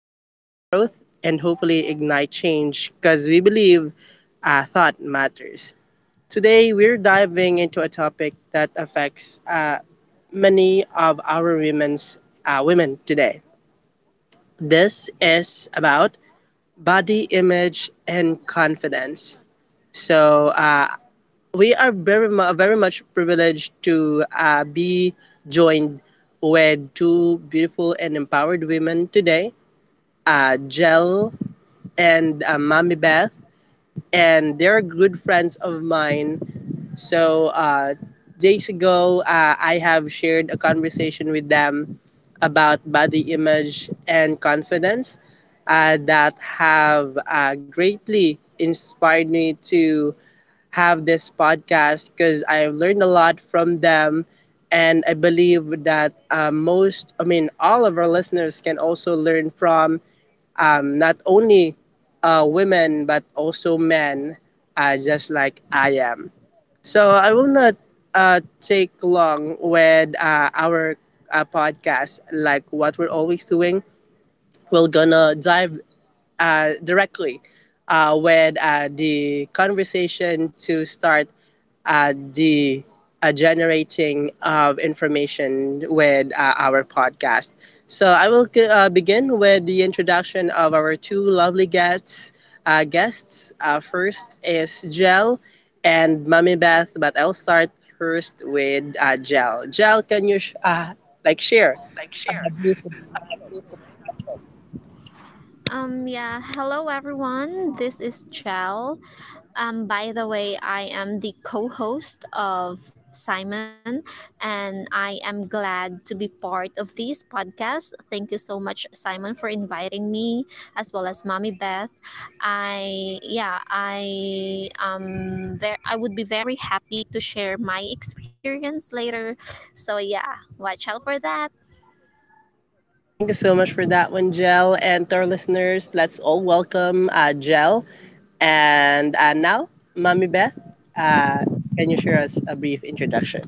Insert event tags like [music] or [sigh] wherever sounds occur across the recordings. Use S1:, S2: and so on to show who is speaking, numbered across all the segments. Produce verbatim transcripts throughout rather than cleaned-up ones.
S1: inspire growth, and hopefully ignite change because we believe uh, thought matters. Today, we're diving into a topic that affects uh, many of our women's uh, women today, this is about body image and confidence. So uh, we are very mu- very much privileged to uh, be joined with two beautiful and empowered women today, uh, Jel and uh, Mommy Beth, and they're good friends of mine, so uh, days ago, uh, I have shared a conversation with them about body image and confidence uh, that have uh, greatly inspired me to have this podcast because I've learned a lot from them. And I believe that uh, most, I mean, all of our listeners can also learn from, um, not only uh, women, but also men, uh, just like I am. So I will not uh, take long with uh, our uh, podcast, like what we're always doing. We're gonna dive uh, directly uh, with uh, the conversation to start uh, the uh, generating of information with uh, our podcast. So I will uh, begin with the introduction of our two lovely guests. Uh, guests, uh, first is Jel and Mummy Beth, but I'll start first with uh, Jel. Jel, can you sh- uh, like share?
S2: uh,
S1: Uh,
S2: like
S1: this?
S2: share. Uh, Um, yeah, hello everyone. This is Chell. Um, by the way, I am the co host of Simon, and I am glad to be part of this podcast. Thank you so much, Simon, for inviting me, as well as Mommy Beth. I, yeah, I, um, ver- I would be very happy to share my experience later. So, yeah, watch out for that.
S1: Thank you so much for that one, Jel. And to our listeners, let's all welcome uh, Jel. And uh, now, Mommy Beth, uh, can you share us a brief introduction?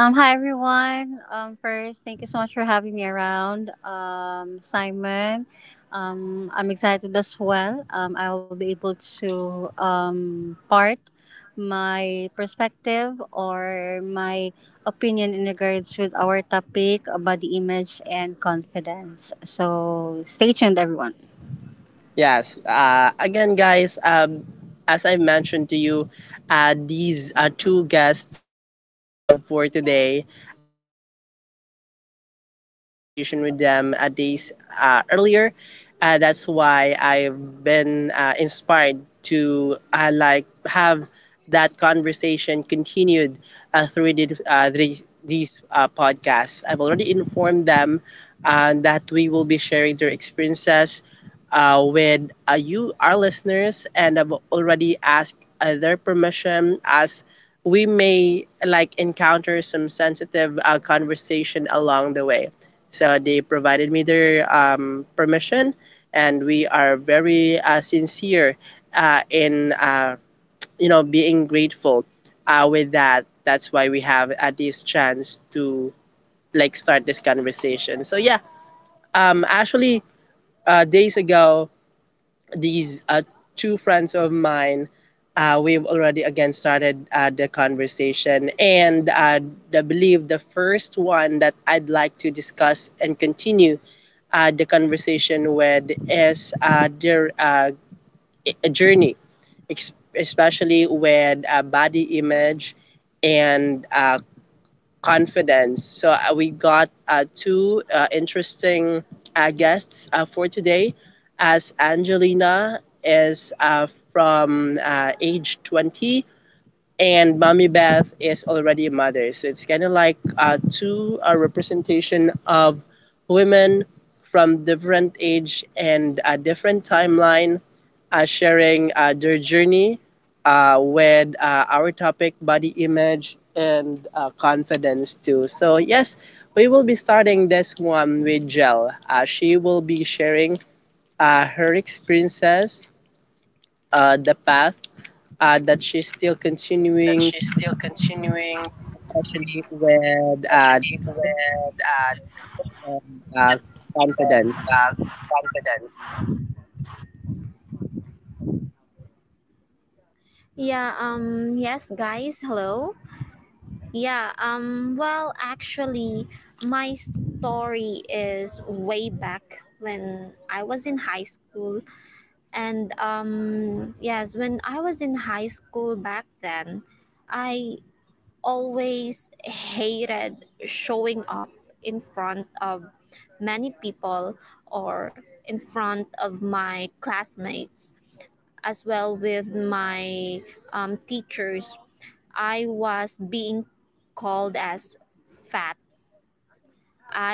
S3: Um, hi everyone. Um, first, thank you so much for having me around, um, Simon. Um, I'm excited as well. Um, I will be able to um, part my perspective or my opinion in regards with our topic, body image and confidence. So stay tuned, everyone.
S1: Yes. Uh, again, guys, um, as I mentioned to you, uh, these uh, two guests we have for today, I've already ha- uh, like started a conversation with them uh, days uh, earlier. Uh, that's why I've been uh, inspired to uh, like have that conversation continued uh, through the, uh, these, these uh, podcasts. I've already informed them uh, that we will be sharing their experiences uh, with uh, you, our listeners, and I've already asked uh, their permission, as we may like encounter some sensitive uh, conversation along the way. So they provided me their um, permission, and we are very uh, sincere uh, in uh, you know being grateful uh, with that. That's why we have uh, this chance to like start this conversation. So yeah, um, actually, uh, days ago, these uh, two friends of mine, uh, we've already again started uh, the conversation. And uh, I believe the first one that I'd like to discuss and continue uh, the conversation with is uh, their uh, a journey, ex- especially with uh, body image and uh, confidence. So uh, we got uh, two uh, interesting uh, guests uh, for today, as Angelina is uh, from uh, age twenty, and Mommy Beth is already a mother. So it's kind of like uh, two uh, representation of women from different age and a different timeline, uh, sharing uh, their journey uh, with uh, our topic, body image and uh, confidence too. So yes, we will be starting this one with Jel. Uh, she will be sharing uh, her experiences, uh, the path uh, that she's still
S2: uh, That
S1: continuing,
S2: she's still continuing,
S1: especially with uh,
S2: especially with uh,
S1: um, uh, confidence.
S2: uh, confidence. Yeah, um yes guys, hello. Yeah, um well, actually, my story is way back when I was in high school, and um yes, when I was in high school back then, I always hated showing up in front of many people or in front of my classmates, as well with my um, teachers. I was being called as fat.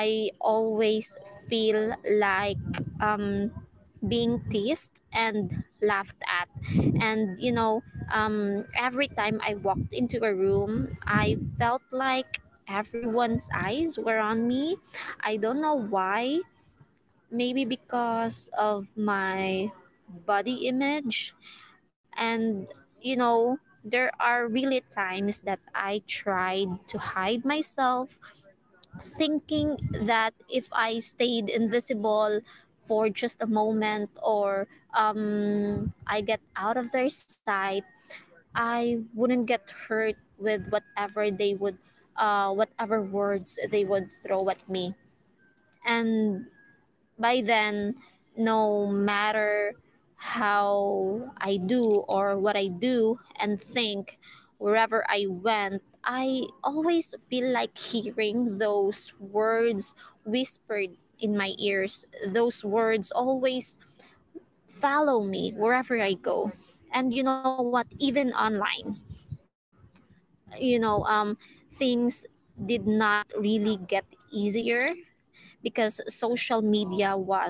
S2: I always feel like being teased and laughed at. And you know, um, every time I walked into a room, I felt like everyone's eyes were on me. I don't know why. Maybe because of my body image. And you know, there are really times that I tried to hide myself, thinking that if I stayed invisible for just a moment or I get out of their sight, I wouldn't get hurt with whatever they would, uh, whatever words they would throw at me. And by then, no matter how I do or what I do and think, wherever I went, I always feel like hearing those words whispered in my ears. Those words always follow me wherever I go. And you know what? Even online, you know, um, things did not really get easier because social media was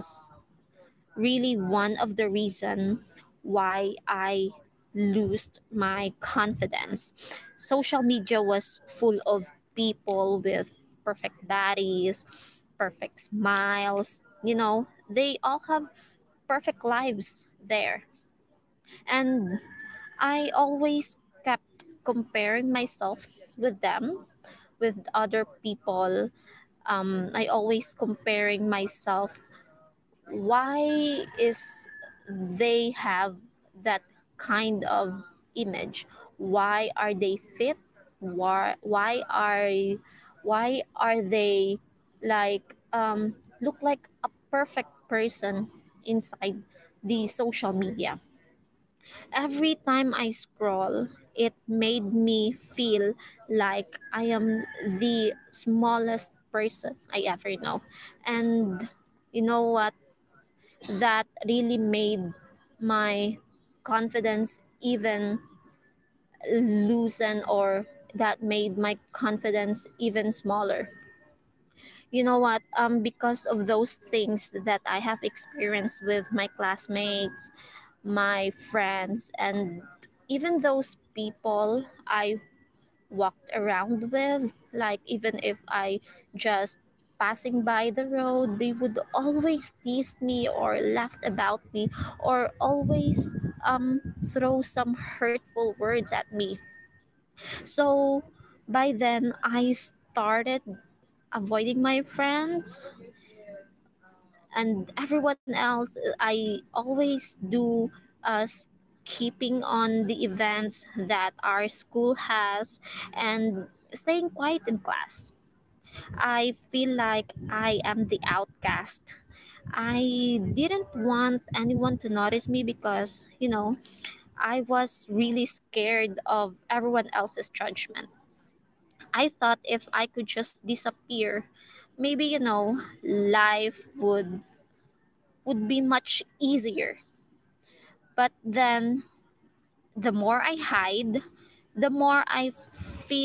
S2: really one of the reason why I lost my confidence. Social media was full of people with perfect bodies, perfect smiles. You know, they all have perfect lives there. And I always kept comparing myself with them, with other people. Um, I always comparing myself. Why is they have that kind of image? Why are they fit? Why why are why are they like, um, look like a perfect person inside the social media? Every time I scroll, it made me feel like I am the smallest person I ever know. And you know what? That really made my confidence even loosen, or that made my confidence even smaller, you know what, um because of those things that I have experienced with my classmates, my friends, and even those people I walked around with, like even if I just passing by the road, they would always tease me or laugh about me, or always um, throw some hurtful words at me. So by then I started avoiding my friends and everyone else. uh, I always do, uh, keeping on the events that our school has, and staying quiet in class. I feel like I am the outcast. I didn't want anyone to notice me because you know I was really scared of everyone else's judgment. I thought if I could just disappear, maybe you know life would would be much easier. But then, the more I hide, the more I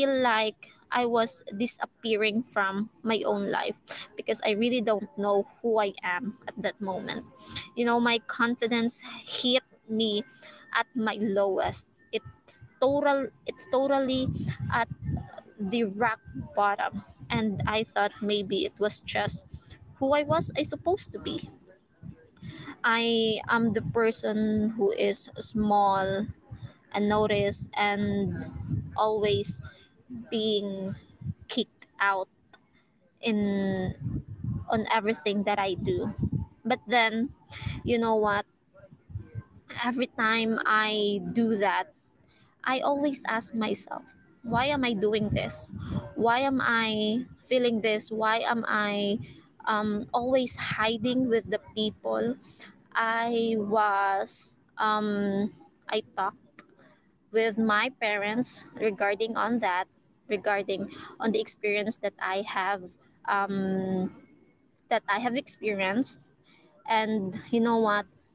S2: feel like I was disappearing from my own life because I really don't know who I am at that moment. You know, my confidence hit me at my lowest. It's total it's totally at the rock bottom, and I thought maybe it was just who I was I supposed to be. I am the person who is small, unnoticed, and always being kicked out in on everything that I do. But then, you know what? Every time I do that, I always ask myself, why am I doing this? Why am I feeling this? Why am I um, always hiding with the people? I was I talked with my parents regarding on that, regarding on the experience that I have that I have experienced. And you know what,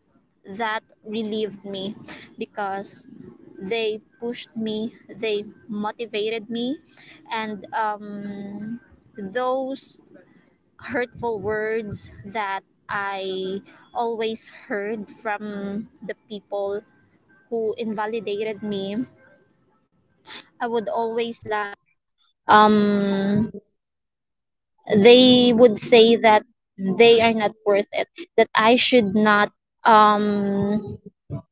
S2: that relieved me because they pushed me, they motivated me, and um, those hurtful words that I always heard from the people who invalidated me, I would always like, um they would say that they are not worth it, that I should not, um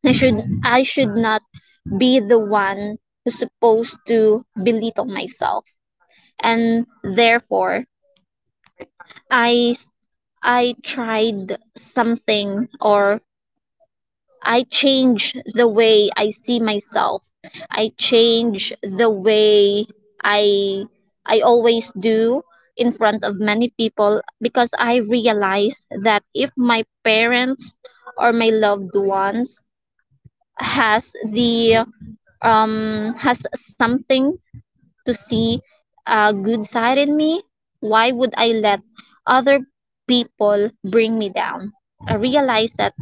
S2: i should i should not be the one who's supposed to belittle myself. And therefore, I. I tried something, or I change the way I see myself. I change the way I I always do in front of many people because I realize that if my parents or my loved ones has the um has something to see a good side in me, why would I let other people bring me down? I realize that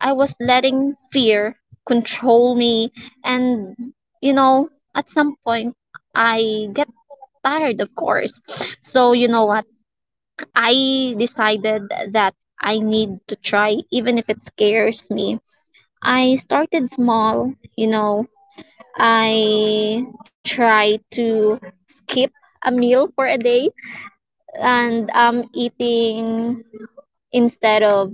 S2: I was letting fear control me. And, you know, at some point, I get tired, of course. So, you know what? I decided that I need to try, even if it scares me. I started small, you know. I try to skip a meal for a day, and I'm eating. Instead of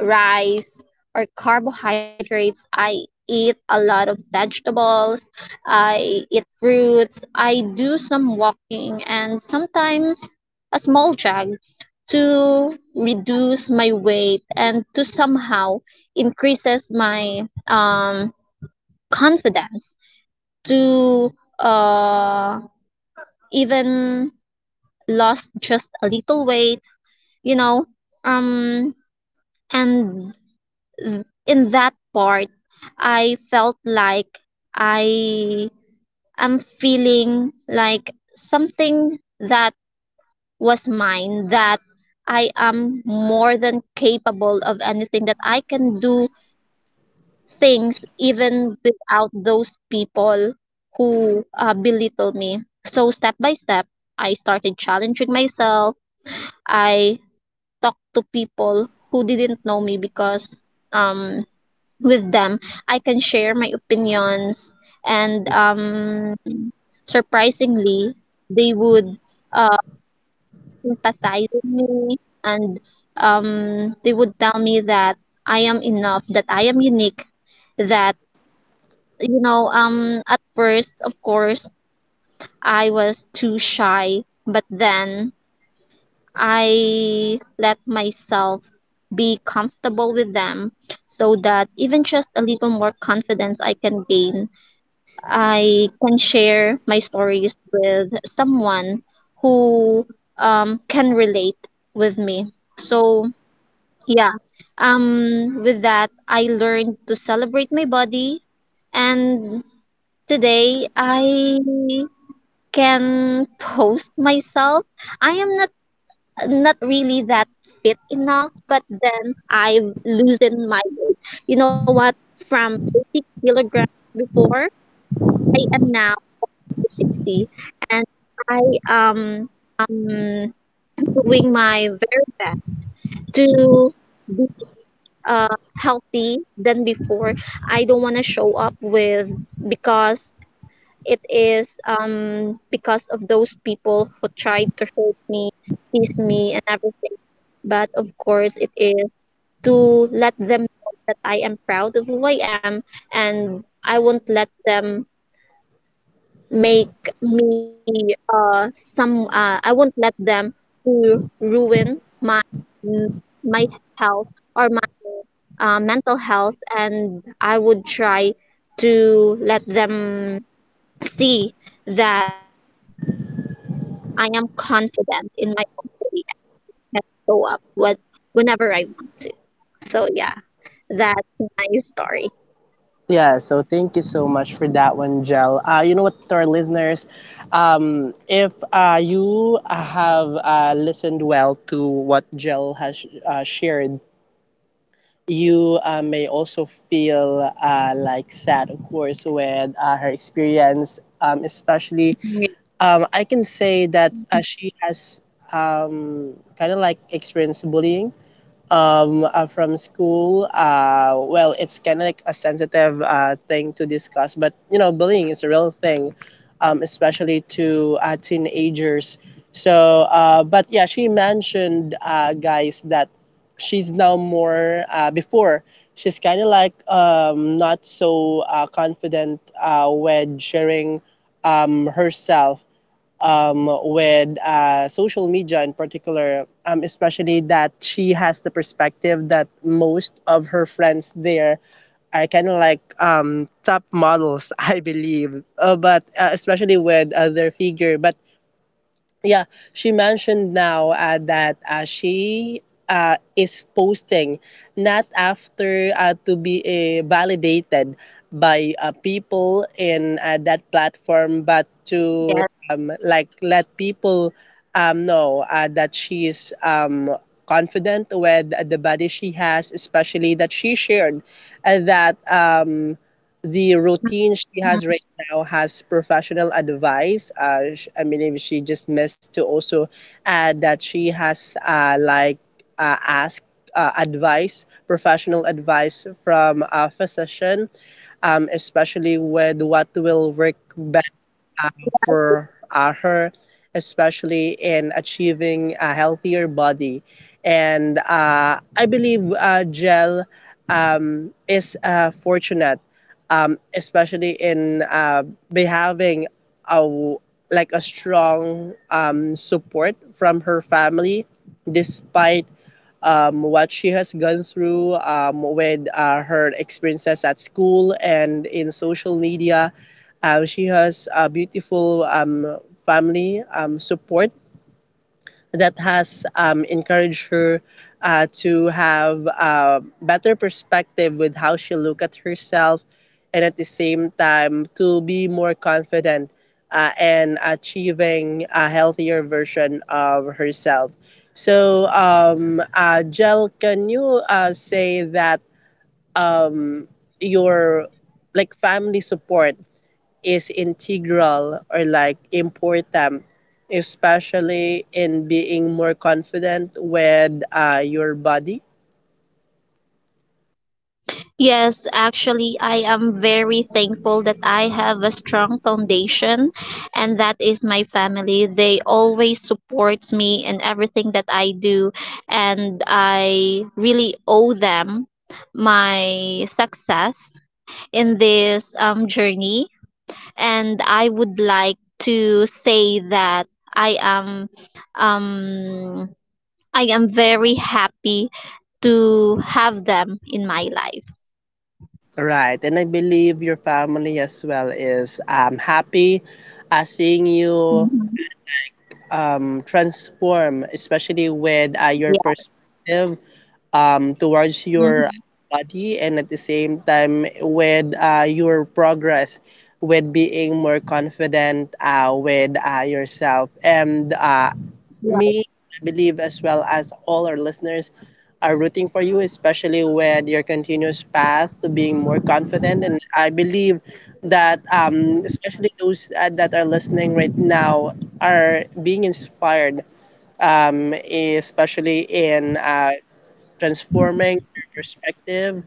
S2: rice or carbohydrates, I eat a lot of vegetables, I eat fruits, I do some walking, and sometimes a small jog to reduce my weight and to somehow increases my um, confidence to, uh, even lost just a little weight, you know um and th- in that part I felt like I am feeling like something that was mine, that I am more than capable of anything that I can do things even without those people who uh, belittle me. So step by step, I started challenging myself. I talked to people who didn't know me because, um with them, I can share my opinions, and um surprisingly, they would, uh sympathize with me, and um they would tell me that I am enough, that I am unique, that you know um at first, of course, I was too shy, but then I let myself be comfortable with them so that even just a little more confidence I can gain. I can share my stories with someone who, um, can relate with me. So, yeah, um, with that, I learned to celebrate my body, and today I can post myself. I am not not really that fit enough, but then I've loosened my weight. You know what? From eighty kilograms before, I am now sixty, and I, um um doing my very best to be uh healthy than before. I don't want to show up with because it is um because of those people who tried to hurt me, tease me, and everything. But of course it is to let them know that I am proud of who I am, and I won't let them make me uh some uh, I won't let them to ruin my my health or my uh, mental health. And I would try to let them see that I am confident in my own body and can show up what whenever I want to. So yeah, that's my story.
S1: Yeah, so thank you so much for that one, Jel. Uh, you know what, to our listeners, um, if uh, you have uh, listened well to what Jel has uh, shared, you uh, may also feel uh, like sad, of course, with uh, her experience. Um, especially,
S2: Ye
S1: um, I can say that uh,
S2: Mhm,
S1: she has um, kind of like experienced bullying, um, uh, from school. Uh, well, it's kind of like a sensitive uh, thing to discuss, but you know, bullying is a real thing, um, especially to uh, teenagers. So, uh, but yeah, she mentioned, uh, guys, that she's now more, uh, before, she's kind of like um, not so uh, confident uh, when sharing um, herself um, with uh, social media in particular, um, especially that she has the perspective that most of her friends there are kind of like um, top models, [laughs] I believe, uh, but uh, especially with uh, their figure. But yeah, she mentioned now uh, that uh, she uh, is posting, not after uh, to be uh, validated by uh, people in uh, that platform, but to
S2: yes,
S1: um, like let people um, know uh, that she's um, confident with the body she has, especially that she shared uh,
S2: mhm.
S1: that um, the routine she has right now has professional advice. Uh, sh- I believe she just missed to also add that she has uh, like uh, ask uh, advice, professional advice from a physician, um, especially with what will work uh, for uh, her, especially in achieving a healthier body. And uh, I believe uh, Jel um, is uh, fortunate, um, especially in uh, be having a w- like a strong um, support from her family, despite um, what she has gone through um, with uh, her experiences at school and in social media. Um, she has a beautiful um, family um, support that has um, encouraged her uh, to have a better perspective with how she look at herself, and at the same time to be more confident uh, and achieving a healthier version of herself. So um, uh, jel can you uh, say that um, your like family support is integral or like important, especially in being more confident with uh, your body?
S2: Yes, actually, I am very thankful that I have a strong foundation, and that is my family. They always support me in everything that I do, and I really owe them my success in this um, journey. And I would like to say that I am um, I am very happy to have them in my life.
S1: Right, and I believe your family as well is um, happy uh, seeing you
S2: Mhm.
S1: um, transform, especially with uh, your
S2: Yeah.
S1: perspective um, towards your
S2: Mhm.
S1: body, and at the same time with uh, your progress with being more confident uh, with uh, yourself and uh,
S2: Yeah.
S1: Me, I believe, as well as all our listeners, are rooting for you, especially with your continuous path to being more confident. And I believe that, um, especially those uh, that are listening right now, are being inspired, um, especially in uh, transforming your perspective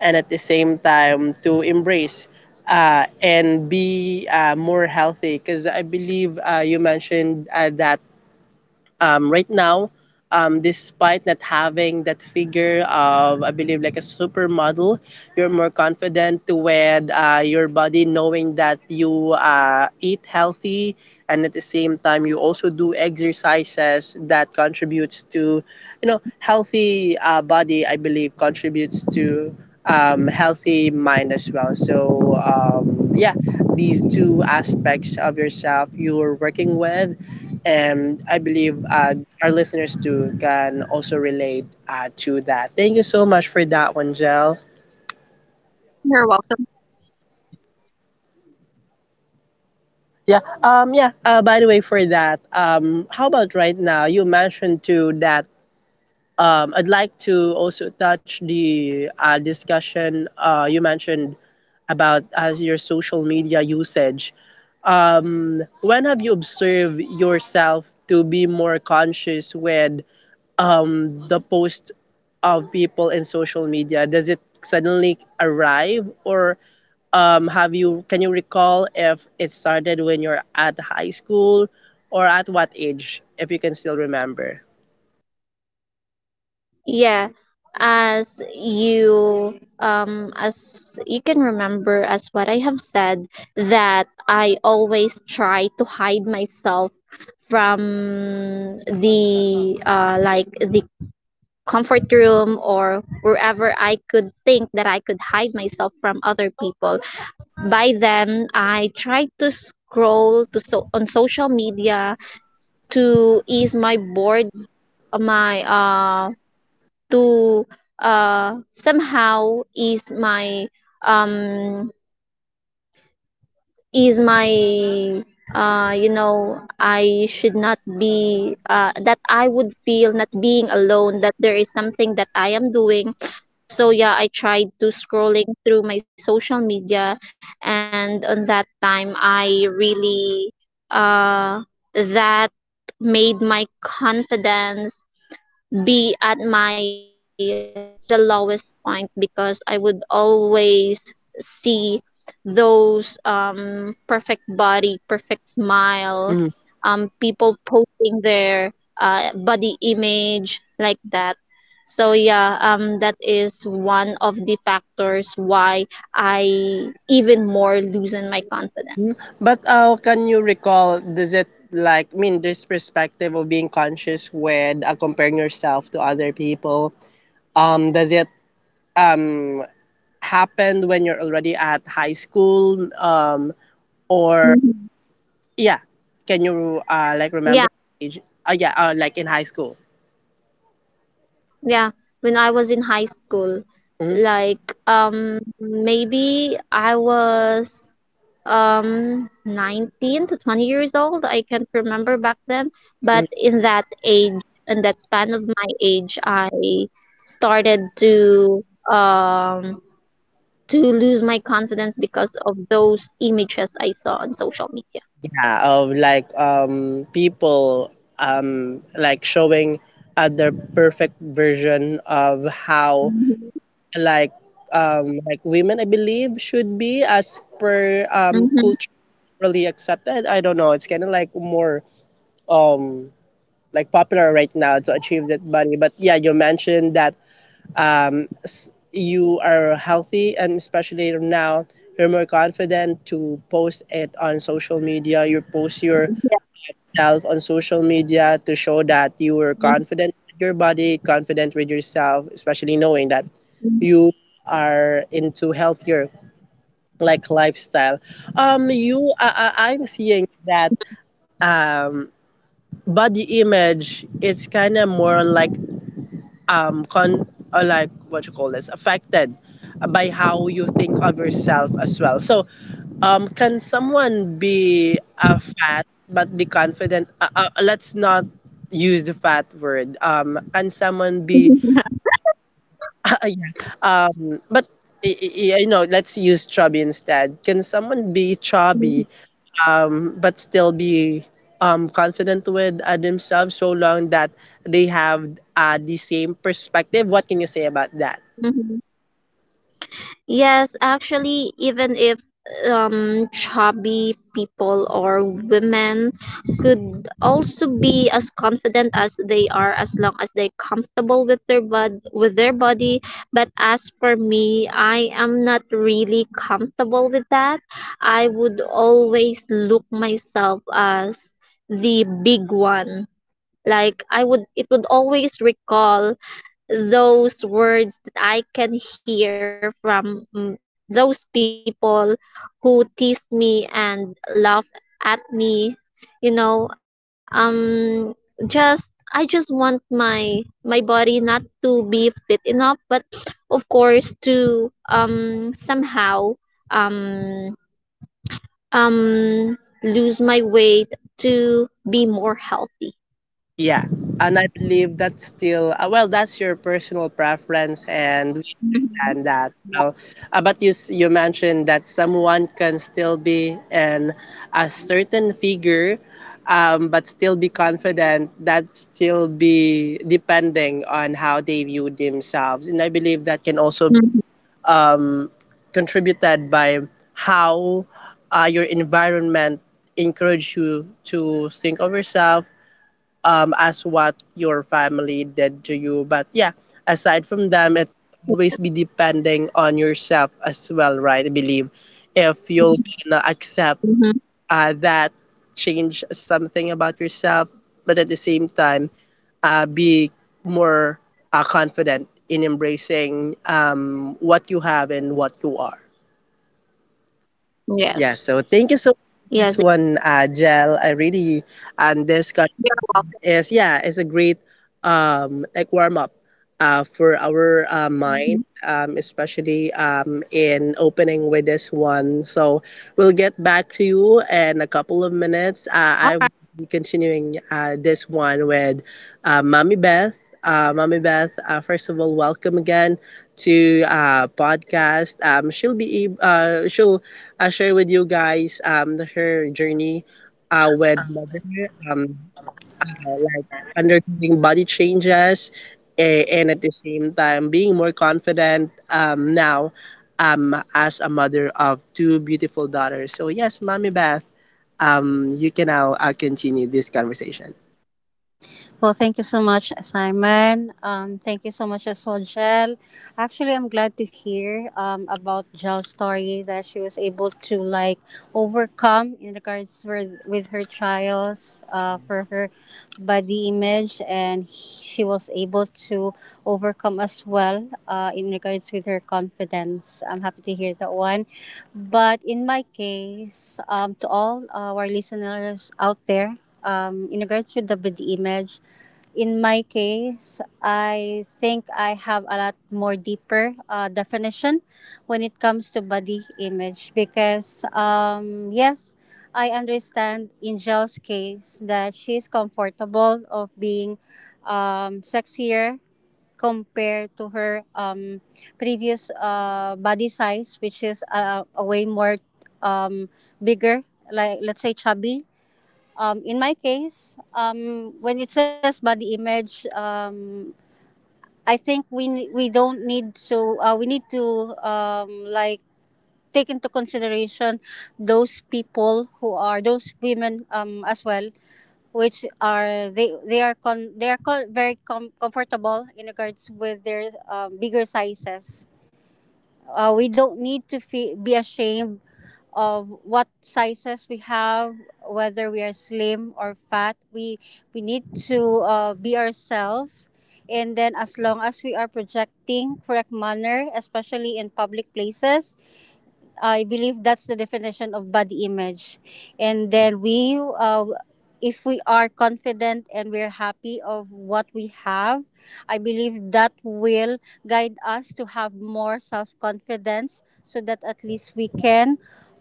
S1: and at the same time to embrace. Uh, and be uh, more healthy, because I believe uh, you mentioned uh, that um, right now, um, despite not having that figure of, I believe, like a supermodel, you're more confident with uh, your body, knowing that you uh, eat healthy, and at the same time, you also do exercises that contributes to,
S2: Mhm.
S1: you know, healthy uh, body. I believe contributes to um, healthy mind as well. So um, yeah, these two aspects of yourself you're working with, and I believe uh, our listeners too can also relate uh, to that. Thank you so much for that one, Jel.
S2: You're welcome.
S1: Yeah. Um. Yeah. Uh, by the way, for that, um, how about right now? You mentioned too that, um, I'd like to also touch the uh, discussion uh, you mentioned about as your social media usage. When have you observed yourself to be more conscious with the post of people in social media? Does it suddenly arrive, or um, have you, can you recall if it started when you're at high school, or at what age, if you can still remember?
S2: Yeah. As you um as you can remember, as what I have said, that I always try to hide myself from the uh like the comfort room or wherever I could think that I could hide myself from other people. By then, I tried to scroll to so on social media to ease my bored, uh, my uh to uh somehow ease my um is my uh you know, I should not be uh that I would feel not being alone, that there is something that I am doing. So yeah, I tried to scrolling through my social media, and on that time I really, uh that made my confidence be at my at the lowest point because I would always see those um perfect body, perfect smile,
S1: Mhm.
S2: um people posting their uh body image like that. So yeah, um that is one of the factors why I even more loosen my confidence.
S1: But uh, can you recall, does it like, I mean, this perspective of being conscious with uh, comparing yourself to other people, um does it um happen when you're already at high school, um or,
S2: Mhm.
S1: yeah, can you uh, like remember
S2: Yeah.
S1: age? Uh, yeah, uh, like in high school.
S2: Yeah, when I was in high school,
S1: Mhm.
S2: like, um maybe I was um nineteen to twenty years old. I can't remember back then, but in that age, in that span of my age, I started to um to lose my confidence because of those images I saw on social media.
S1: Yeah, of like um, people um, like showing uh, their perfect version of how,
S2: Mhm.
S1: like um, like women I believe should be, as per um,
S2: Mhm.
S1: culturally accepted. I don't know. It's kind of like more um, like popular right now to achieve that body. But yeah, you mentioned that um, you are healthy, and especially now you're more confident to post it on social media. You post yourself on social media to show that you are
S2: Yeah.
S1: confident with your body, confident with yourself, especially knowing that you are into healthier like lifestyle. um you, I, I, I'm seeing that um body image, it's kind of more on like um con or like what you call this, affected by how you think of yourself as well. So um can someone be a fat but be confident, uh, uh, let's not use the fat word, um can someone be
S2: Mhm.
S1: [laughs] yeah, um but y- y- you know, let's use chubby instead. Can someone be chubby,
S2: [laughs]
S1: um but still be um confident with uh, themselves, so long that they have uh, the same perspective? What can you say about that?
S2: Yes, actually, even if um, chubby people or women could also be as confident as they are as long as they're comfortable with their bod- with their body. But as for me, I am not really comfortable with that. I would always look myself as the big one. Like, I would, it would always recall those words that I can hear from, mm, those people who tease me and laugh at me. You know, um, just I just want my my body not to be fit enough, but of course to um somehow um um lose my weight to be more healthy.
S1: Yeah, and I believe that's still uh, well. That's your personal preference, and we
S2: Mhm.
S1: understand that. Well, uh, but you s- you mentioned that someone can still be in a certain figure, um, but still be confident. That still be depending on how they view themselves, and I believe that can also
S2: Mhm.
S1: um, contributed by how uh, your environment encourage you to think of yourself um, as what your family did to you. But yeah, aside from them, it always be depending on yourself as well, right? I believe if you'll gonna accept
S2: Mhm.
S1: uh, that, change something about yourself, but at the same time, uh, be more uh, confident in embracing um, what you have and what you are.
S2: Yes.
S1: Yeah, so thank you so much
S2: Yes.
S1: for this one, uh, Jel. I really, and this is yeah is a great um like warm up uh for our uh, mind
S2: Yeah.
S1: um especially um in opening with this one, so we'll get back to you in a couple of minutes. uh, I will
S2: I-
S1: be continuing uh, this one with uh, Mommy Beth. Uh, mommy beth uh, first of all, welcome again to uh podcast. um she'll be ab- uh she'll uh, share with you guys um her journey uh with mother, um uh, like undergoing body changes, eh, and at the same time being more confident um, now, um, as a mother of two beautiful daughters. So, yes, Mommy Beth, um, you can now uh, continue this conversation.
S3: Well, thank you so much, Simon. Um, thank you so much as well, Jel. Actually, I'm glad to hear um, about Jel's story that she was able to like overcome in regards with, with her trials uh, for her body image, and she was able to overcome as well uh, in regards with her confidence. I'm happy to hear that one. But in my case, um, to all uh, our listeners out there, um, in regards with the body image, in my case, I think I have a lot more deeper uh, definition when it comes to body image because um, yes, I understand in Angel's case that she's comfortable of being um, sexier compared to her um, previous uh, body size, which is uh, a way more um, bigger, like let's say chubby. Um, in my case, um, when it says body image, um, I think we ne- we don't need to uh, we need to um, like take into consideration those people who are those women um, as well, which are they they are con they are co- very com- comfortable in regards with their um, bigger sizes. Uh, we don't need to fe- be ashamed of what sizes we have, whether we are slim or fat. We we need to uh, be ourselves, and then as long as we are projecting correct manner, especially in public places, I believe that's the definition of body image. And then we, uh, if we are confident and we're happy of what we have, I believe that will guide us to have more self confidence so that at least we can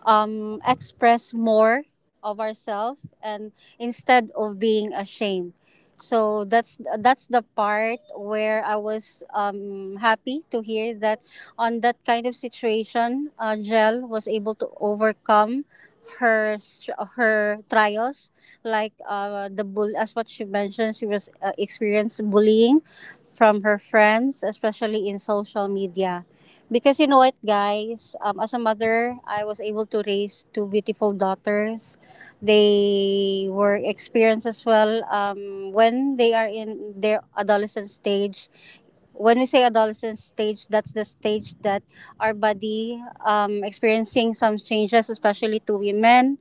S3: um, express more of ourselves and instead of being ashamed. So that's that's the part where I was um, happy to hear that on that kind of situation, uh, Jel was able to overcome her str- her trials, like uh, the bull. As what she mentioned, she was uh, experienced bullying from her friends, especially in social media. Because you know what, guys, um, as a mother, I was able to raise two beautiful daughters. They were experienced as well um, when they are in their adolescent stage. When we say adolescent stage, that's the stage that our body um, experiencing some changes, especially to women.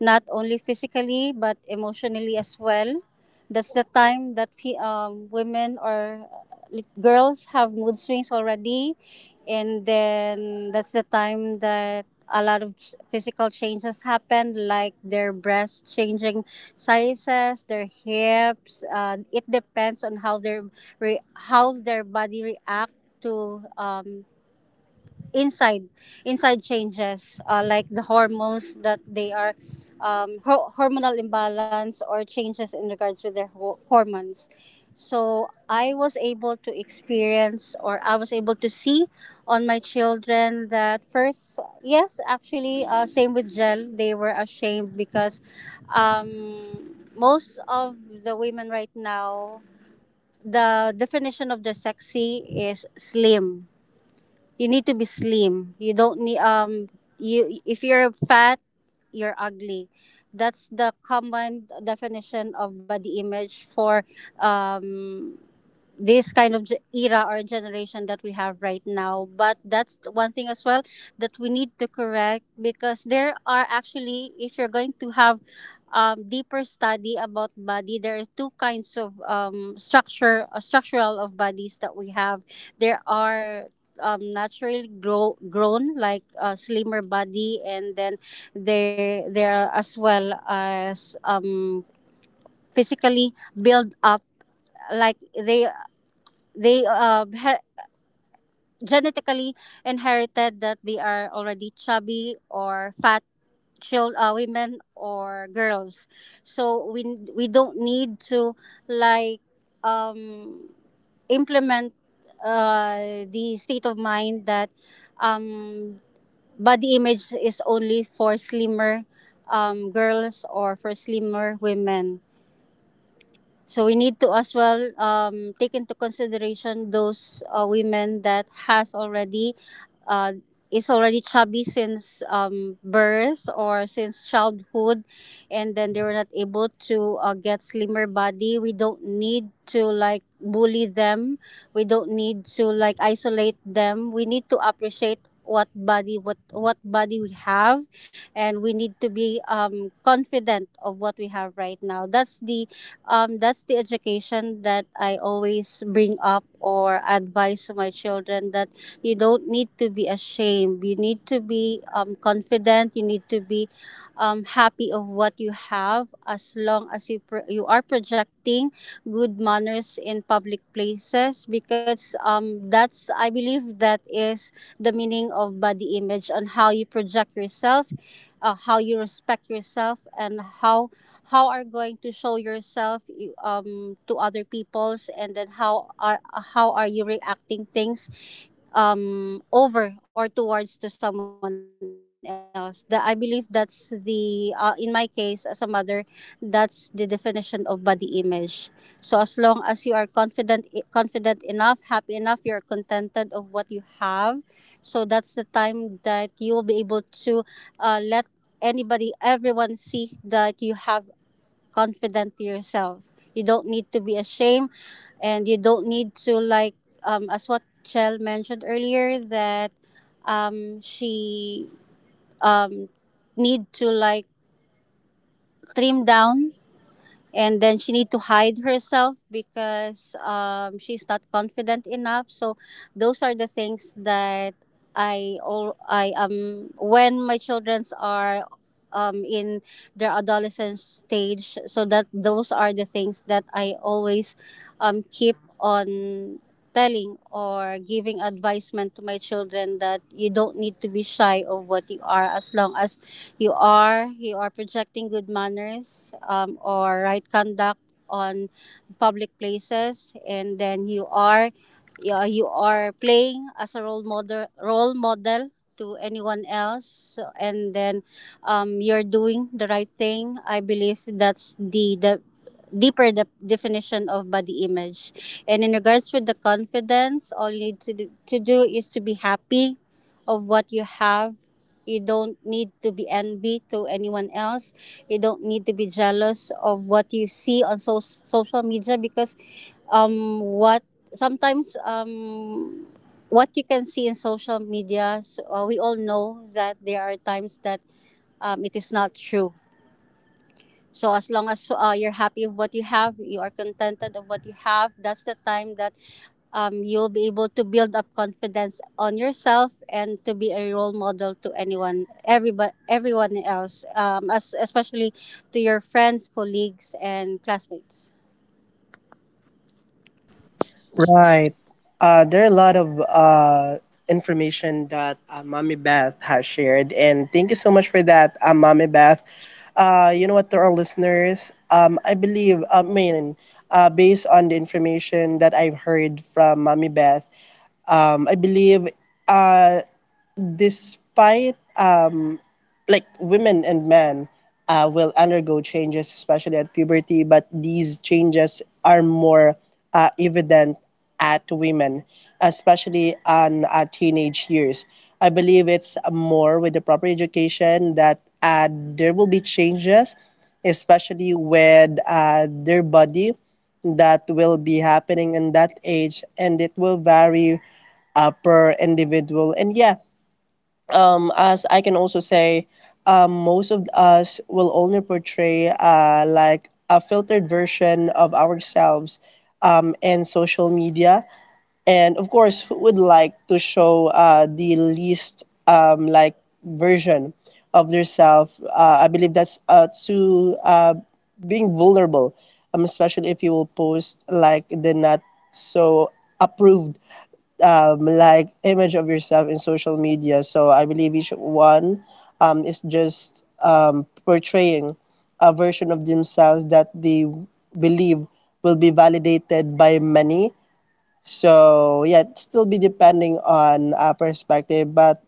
S3: Not only physically but emotionally as well. That's the time that fe- um, women or lit- girls have mood swings already, and then that's the time that a lot of ch- physical changes happen, like their breasts changing sizes, their hips. Uh, it depends on how their re- how their body react to um, inside inside changes, uh, like the hormones that they are um, ho- hormonal imbalance or changes in regards with their ho- hormones. So I was able to experience or I was able to see on my children that, first, yes, actually, uh, same with Gel, they were ashamed because um, most of the women right now, the definition of the sexy is slim. You need to be slim. You don't need um you. If you're fat, you're ugly. That's the common definition of body image for um this kind of ge- era or generation that we have right now. But that's the one thing as well that we need to correct because there are actually, if you're going to have um, deeper study about body, there are two kinds of um, structure, uh, structural of bodies that we have. There are um, naturally grow, grown like a slimmer body, and then they there are as well as um, physically build up, like they they uh he- genetically inherited that they are already chubby or fat child, uh, women or girls. So we we don't need to like um, implement uh, the state of mind that um, body image is only for slimmer um, girls or for slimmer women. So we need to as well um, take into consideration those uh, women that has already uh, is already chubby since um, birth or since childhood, and then they were not able to uh, get slimmer body. We don't need to like bully them. We don't need to like isolate them. We need to appreciate what body, what what body we have, and we need to be um, confident of what we have right now. That's the um, that's the education that I always bring up or advise to my children, that you don't need to be ashamed. You need to be um, confident. You need to be um, happy of what you have as long as you pro- you are projecting good manners in public places because um, that's I believe that is the meaning of body image, on how you project yourself, uh, how you respect yourself, and how how are going to show yourself, you- um, to other peoples, and then how are how are you reacting things um, over or towards to someone else. That, I believe, that's the uh, in my case as a mother, that's the definition of body image. So as long as you are confident, confident enough, happy enough, you're contented of what you have. So that's the time that you will be able to uh, let anybody, everyone see that you have confident to yourself. You don't need to be ashamed, and you don't need to like um as what Chell mentioned earlier that um she um need to like trim down, and then she need to hide herself because um, she's not confident enough. So those are the things that i all i um when my childrens are um in their adolescent stage, so that those are the things that I always um keep on telling or giving advisement to my children, that you don't need to be shy of what you are as long as you are you are projecting good manners um, or right conduct on public places, and then you are you are, you are playing as a role model role model to anyone else. So, and then um, you're doing the right thing. I believe that's the the deeper the definition of body image. And in regards with the confidence, all you need to do, to do is to be happy of what you have. You don't need to be envy to anyone else. You don't need to be jealous of what you see on so- social media, because um what sometimes um what you can see in social media, so, uh, we all know that there are times that um, it is not true. So as long as uh, you're happy with what you have, you are contented of what you have, that's the time that um, you'll be able to build up confidence on yourself and to be a role model to anyone, everybody, everyone else, um, as, especially to your friends, colleagues, and classmates.
S1: Right. Uh, there are a lot of uh, information that uh, Mommy Beth has shared, and thank you so much for that, uh, Mommy Beth. Uh, you know what, to our listeners, um, I believe, I mean, uh, based on the information that I've heard from Mommy Beth, um, I believe, uh, despite um like women and men uh, will undergo changes, especially at puberty, but these changes are more uh, evident at women, especially on uh, teenage years. I believe it's more with the proper education that uh, there will be changes, especially with uh, their body, that will be happening in that age, and it will vary uh, per individual. And yeah, um, as I can also say, um, most of us will only portray uh, like a filtered version of ourselves um, in social media. And of course, who would like to show uh, the least um, like version of yourself? Uh, I believe that's uh, to uh, being vulnerable, um, especially if you will post like the not so approved, um, like image of yourself in social media. So I believe each one um, is just um, portraying a version of themselves that they believe will be validated by many. So yeah, it still be depending on uh, perspective, but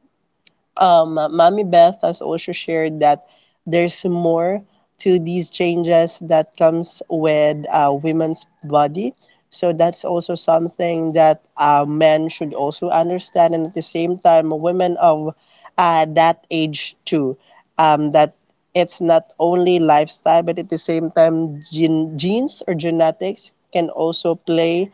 S1: um, Mommy Beth has also shared that there's more to these changes that comes with uh, women's body. So that's also something that uh, men should also understand, and at the same time, women of uh, that age too. Um, that it's not only lifestyle, but at the same time, gen- genes or genetics can also play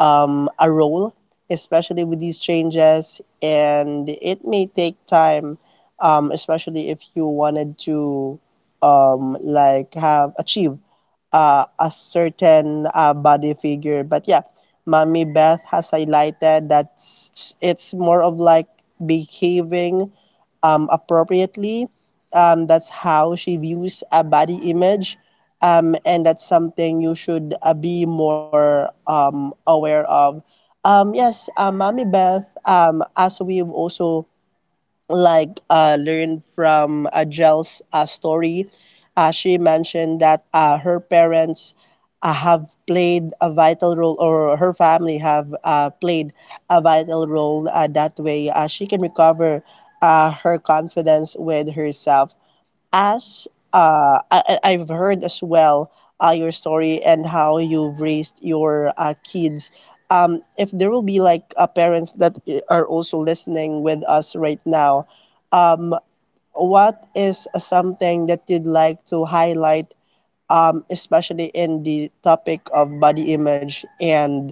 S1: um, a role, especially with these changes, and it may take time, um, especially if you wanted to um, like have achieve uh, a certain uh, body figure. But yeah, Mommy Beth has highlighted that s- it's more of like behaving um, appropriately. Um, that's how she views a body image. Um, and that's something you should uh, be more um, aware of. Um, yes, um, Mommy Beth, um, as we've also like uh, learned from uh, Jel's uh, story, uh, she mentioned that uh, her parents uh, have played a vital role, or her family have uh, played a vital role. Uh, that way, uh, she can recover uh, her confidence with herself as uh, I, I- I've heard as well uh, your story and how you've raised your uh, kids. Um, if there will be like uh, parents that i- are also listening with us right now, what is something that you'd like to highlight, um, especially in the topic of body image and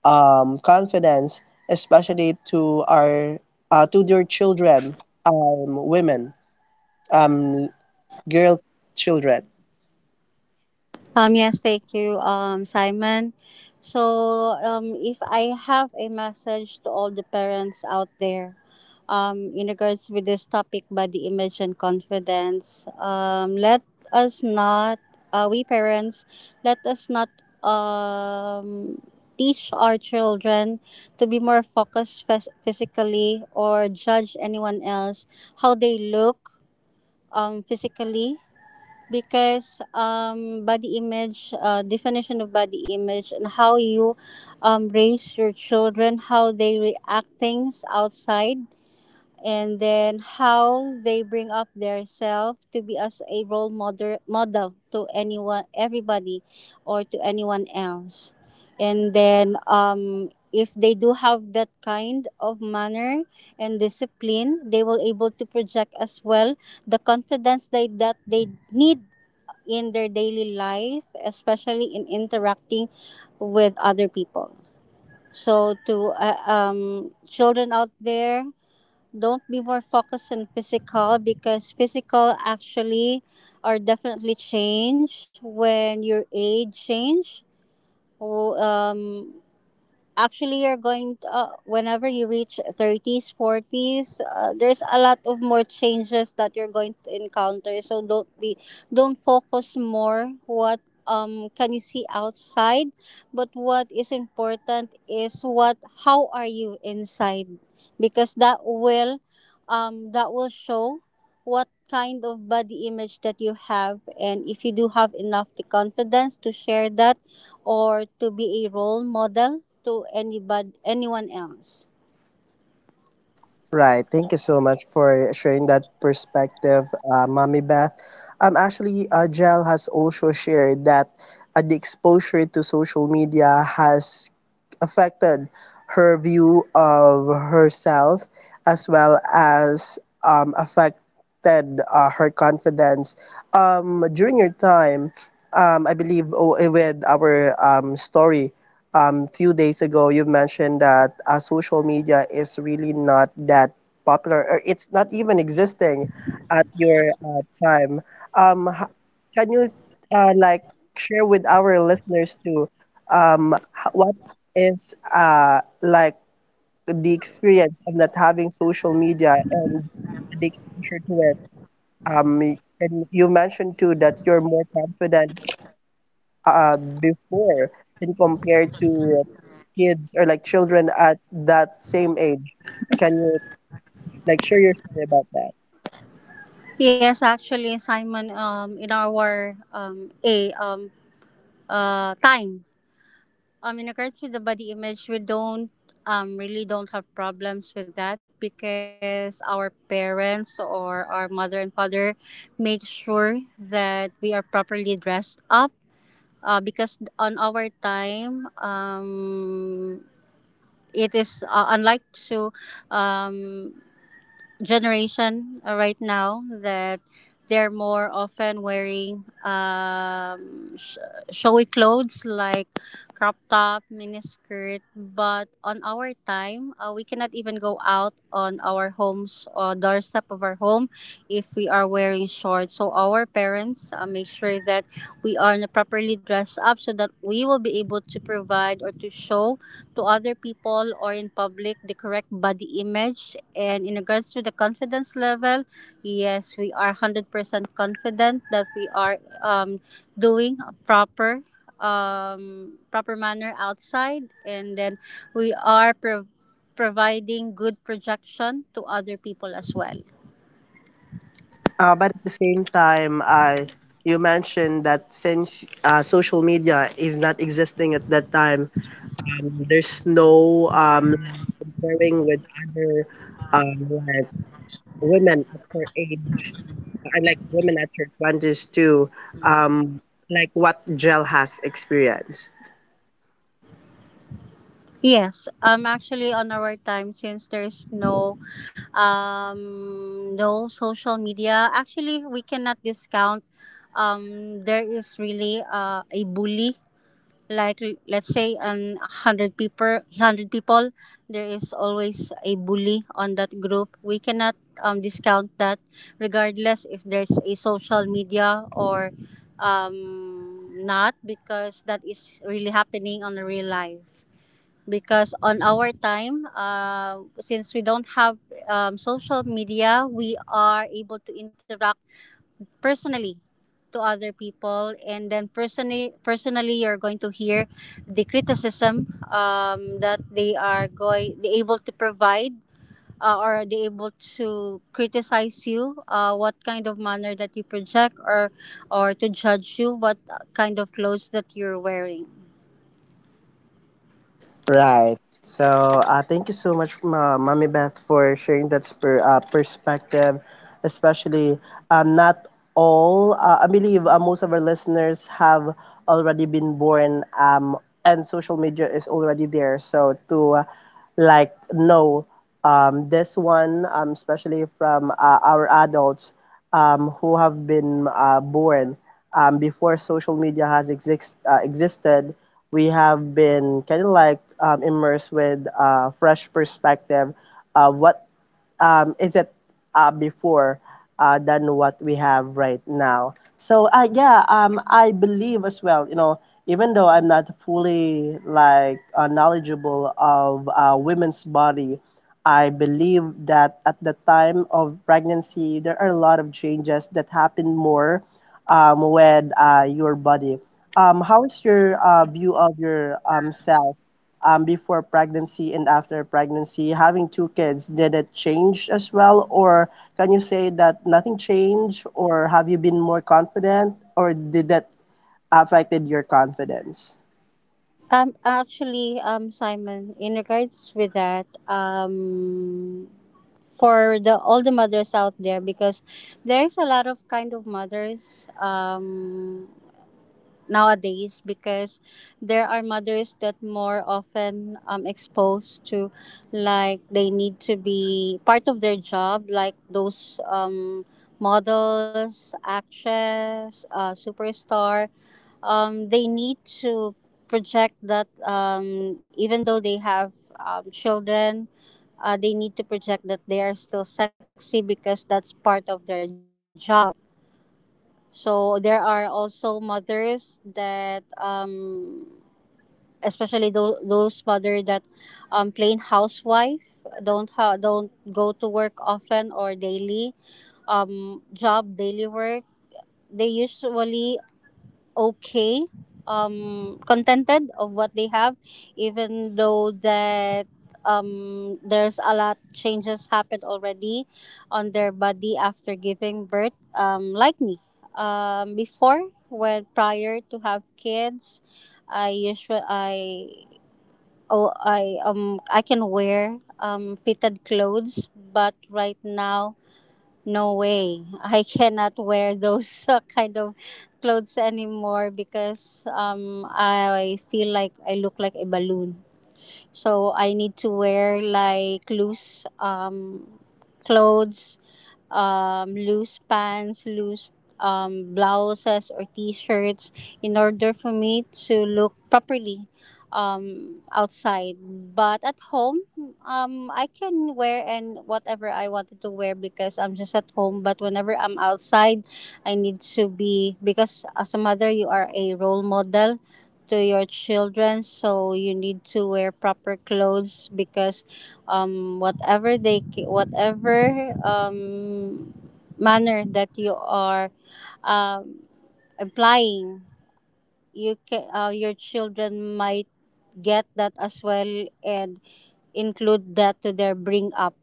S1: um, confidence, especially to our uh, to your children, um, women, girl children?
S3: Um, yes, thank you, um, Simon. So, um, if I have a message to all the parents out there, um, in regards with this topic, body image and confidence, um, let us not, uh, we parents, let us not, um, teach our children to be more focused phys- physically or judge anyone else how they look, um, physically, because um, body image, uh, definition of body image and how you um, raise your children, how they react things outside, and then how they bring up their self to be as a role model model to anyone, everybody, or to anyone else. And then um, if they do have that kind of manner and discipline, they will able to project as well the confidence they that they need in their daily life, especially in interacting with other people. So to uh, um children out there, don't be more focused on physical, because physical actually are definitely change when your age change. Wh- Um, Actually, you're going to, uh, whenever you reach thirties forties uh, there's a lot of more changes that you're going to encounter, so don't be don't focus more what um can you see outside, but what is important is what how are you inside, because that will um that will show what kind of body image that you have, and if you do have enough the confidence to share that or to be a role model to anybody, anyone else.
S1: Right. Thank you so much for sharing that perspective, uh, Mommy Beth. Um, actually, uh, Jel has also shared that uh, the exposure to social media has affected her view of herself, as well as um, affected uh, her confidence. Um, during your time, um, I believe oh, eh, with our um, story, um, few days ago, you mentioned that uh, social media is really not that popular, or it's not even existing at your uh, time. um, h- can you uh, like share with our listeners too um, h- what is uh, like the experience of not having social media and the exposure to it, um, y- and you mentioned too that you're more confident uh, before and compared to kids, or like children at that same age. Can you like share your story about that?
S3: Yes, actually, Simon, um, in our um, a um, uh, time, um, in regards to the body image, we don't um, really don't have problems with that, because our parents or our mother and father make sure that we are properly dressed up. Uh, because on our time, um, it is uh, unlike to um, generation uh, right now, that they're more often wearing um, sh- showy clothes like crop top, miniskirt. But on our time, uh, we cannot even go out on our homes or doorstep of our home if we are wearing shorts. So our parents uh, make sure that we are properly dressed up so that we will be able to provide or to show to other people or in public the correct body image. And in regards to the confidence level, yes, we are one hundred percent confident that we are um, doing a proper um proper manner outside, and then we are pro- providing good projection to other people as well.
S1: Uh, but at the same time, uh, you mentioned that since uh, social media is not existing at that time, um, there's no um, pairing with other um, like women at her age. I like women at church bondage too. Um, like what Jel has experienced.
S3: Yes, um, actually, on our time, since there's no, um, no social media, actually, we cannot discount. Um, there is really uh, a bully. Like l- let's say an hundred people, hundred people, there is always a bully on that group. We cannot um, discount that, regardless if there's a social media or um, not, because that is really happening on the real life because on our time, uh, since we don't have um, social media, we are able to interact personally to other people, and then personally, personally, you're going to hear the criticism um, that they are going, they able to provide. Uh, or they able to criticize you? Uh, what kind of manner that you project, or or to judge you? What kind of clothes that you're wearing?
S1: Right. So uh, thank you so much, Ma- Mommy Beth, for sharing that per- uh, perspective. Especially, um, not all, uh, I believe uh, most of our listeners have already been born, um, and social media is already there. So to uh, like know um, this one, um, especially from uh, our adults um, who have been uh, born um, before social media has exist, uh, existed, we have been kind of like um, immersed with a fresh perspective of what um, is it uh, before uh, than what we have right now. So uh, yeah, um, I believe as well. You know, even though I'm not fully like uh, knowledgeable of uh, women's body, I believe that at the time of pregnancy, there are a lot of changes that happen more um, with uh, your body. Um, how is your uh, view of your um self? Um, before pregnancy and after pregnancy, having two kids, did it change as well? Or can you say that nothing changed? Or have you been more confident? Or did that affected your confidence?
S3: Um, actually, um, Simon, in regards with that, um, for the all the mothers out there, because there is a lot of kind of mothers. Um, nowadays, because there are mothers that more often um exposed to, like, they need to be part of their job, like those um models, actress, uh, superstar, um they need to project that um even though they have um, children, uh, they need to project that they are still sexy because that's part of their job. So there are also mothers that, um, especially those those mother that, um, plain housewife, don't ha- don't go to work often or daily, um, job daily work. They usually okay, um contented of what they have, even though that um there's a lot changes happened already on their body after giving birth, um like me. Um before when prior to have kids, I usually I oh i um I can wear um fitted clothes, but right now no way. I cannot wear [laughs] those uh, kind of clothes anymore because um I feel like I look like a balloon. So I need to wear like loose um clothes, um loose pants, loose um blouses or t-shirts in order for me to look properly um, outside. But at home, um, I can wear and whatever I wanted to wear because I'm just at home. But whenever I'm outside, I need to be because as a mother, you are a role model to your children, so you need to wear proper clothes because um whatever they ca- whatever um manner that you are um implying, you can uh, your children might get that as well and include that to their bring up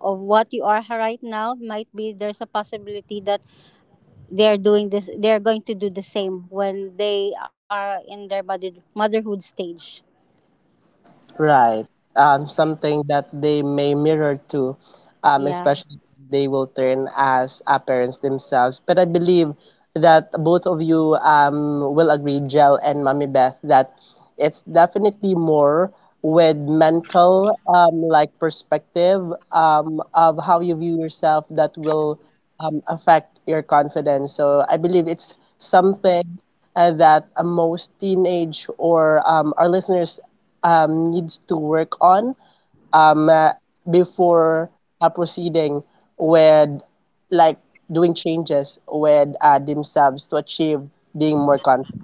S3: of what you are right now. Might be there's a possibility that they're doing this, they're going to do the same when they are in their mother, motherhood stage.
S1: Right. Um, something that they may mirror to, um,
S3: Yeah.
S1: especially they will turn as uh, parents themselves. But I believe that both of you um, will agree, Jel and Mommy Beth, that it's definitely more with mental um, like perspective um, of how you view yourself that will um, affect your confidence. So I believe it's something uh, that uh, most teenage or um, our listeners um, needs to work on um, uh, before uh, proceeding with like doing changes with uh, themselves to achieve being more confident.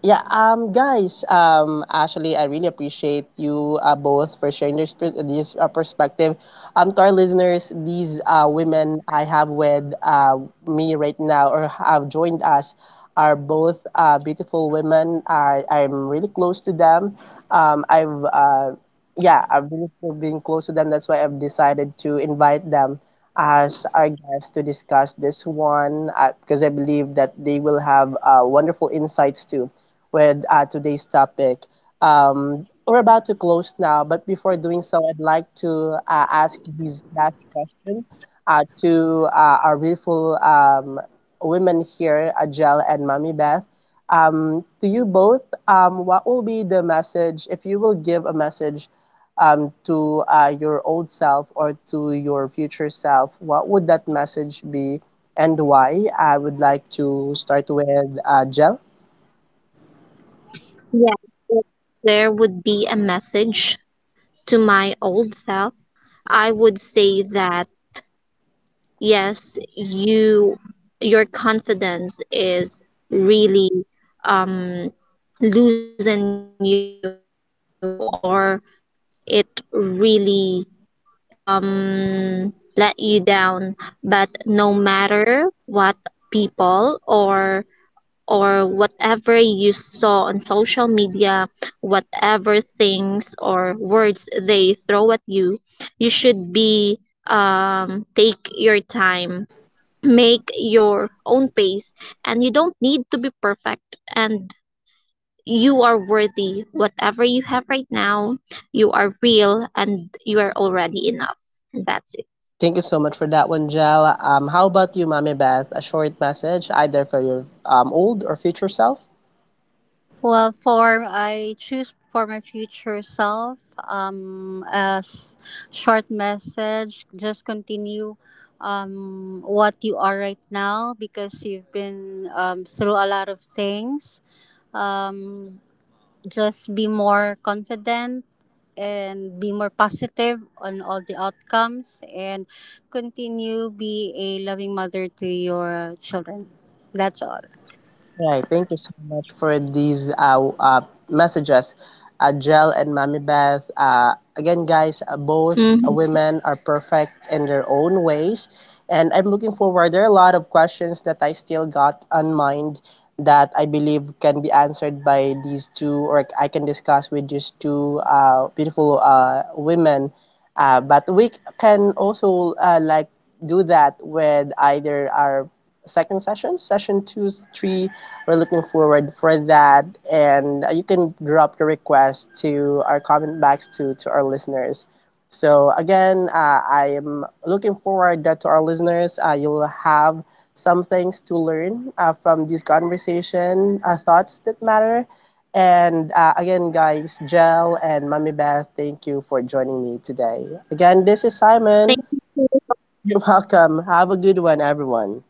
S1: Yeah, um, guys, um, actually, I really appreciate you uh, both for sharing this, pers- this uh, perspective. Um, to our listeners, these uh, women I have with uh, me right now, or have joined us, are both uh, beautiful women. I, I'm really close to them. Um, I've, uh, yeah, I've really been close to them. That's why I've decided to invite them as our guest to discuss this one, uh, because I believe that they will have uh, wonderful insights too with uh, today's topic. Um, we're about to close now, but before doing so, I'd like to uh, ask this last question uh, to uh, our beautiful um, women here, Ajel and Mommy Beth. Um, to you both, um, what will be the message? If you will give a message um, to uh, your old self or to your future self, what would that message be, and why? I would like to start with uh, Jel.
S2: Yes, if there would be a message to my old self, I would say that, yes, you your confidence is really um losing you, or it really um let you down. But no matter what people, or or whatever you saw on social media, whatever things or words they throw at you, you should be um take your time, make your own pace, and you don't need to be perfect, and you are worthy whatever you have right now, you are real, and you are already enough, and that's it.
S1: Thank you so much for that one, Jel. Um, how about you, Mommy Beth? A short message either for your um, old or future self?
S3: Well, for I choose for my future self, um, as short message. Just continue um, what you are right now because you've been um, through a lot of things. Um, just be more confident and be more positive on all the outcomes and continue be a loving mother to your children. That's all.
S1: Right. Thank you so much for these uh, uh, messages, uh, Jel and Mommy Beth. Uh, again, guys, uh,
S2: Mhm.
S1: both women are perfect in their own ways. And I'm looking forward. There are a lot of questions that I still got on mind that I believe can be answered by these two, or I can discuss with these two uh, beautiful uh, women. Uh, but we can also uh, like do that with either our second session session two, three. We're looking forward for that, and uh, you can drop your request to our comment box, to to our listeners. So again, uh, I am looking forward that to our listeners, uh, you'll have some things to learn uh, from this conversation, uh, thoughts that matter. And uh, again, guys, Jel and Mommy Beth, thank you for joining me today. Again, this is
S2: Thank you.
S1: Simon. You're welcome. Have a good one, everyone.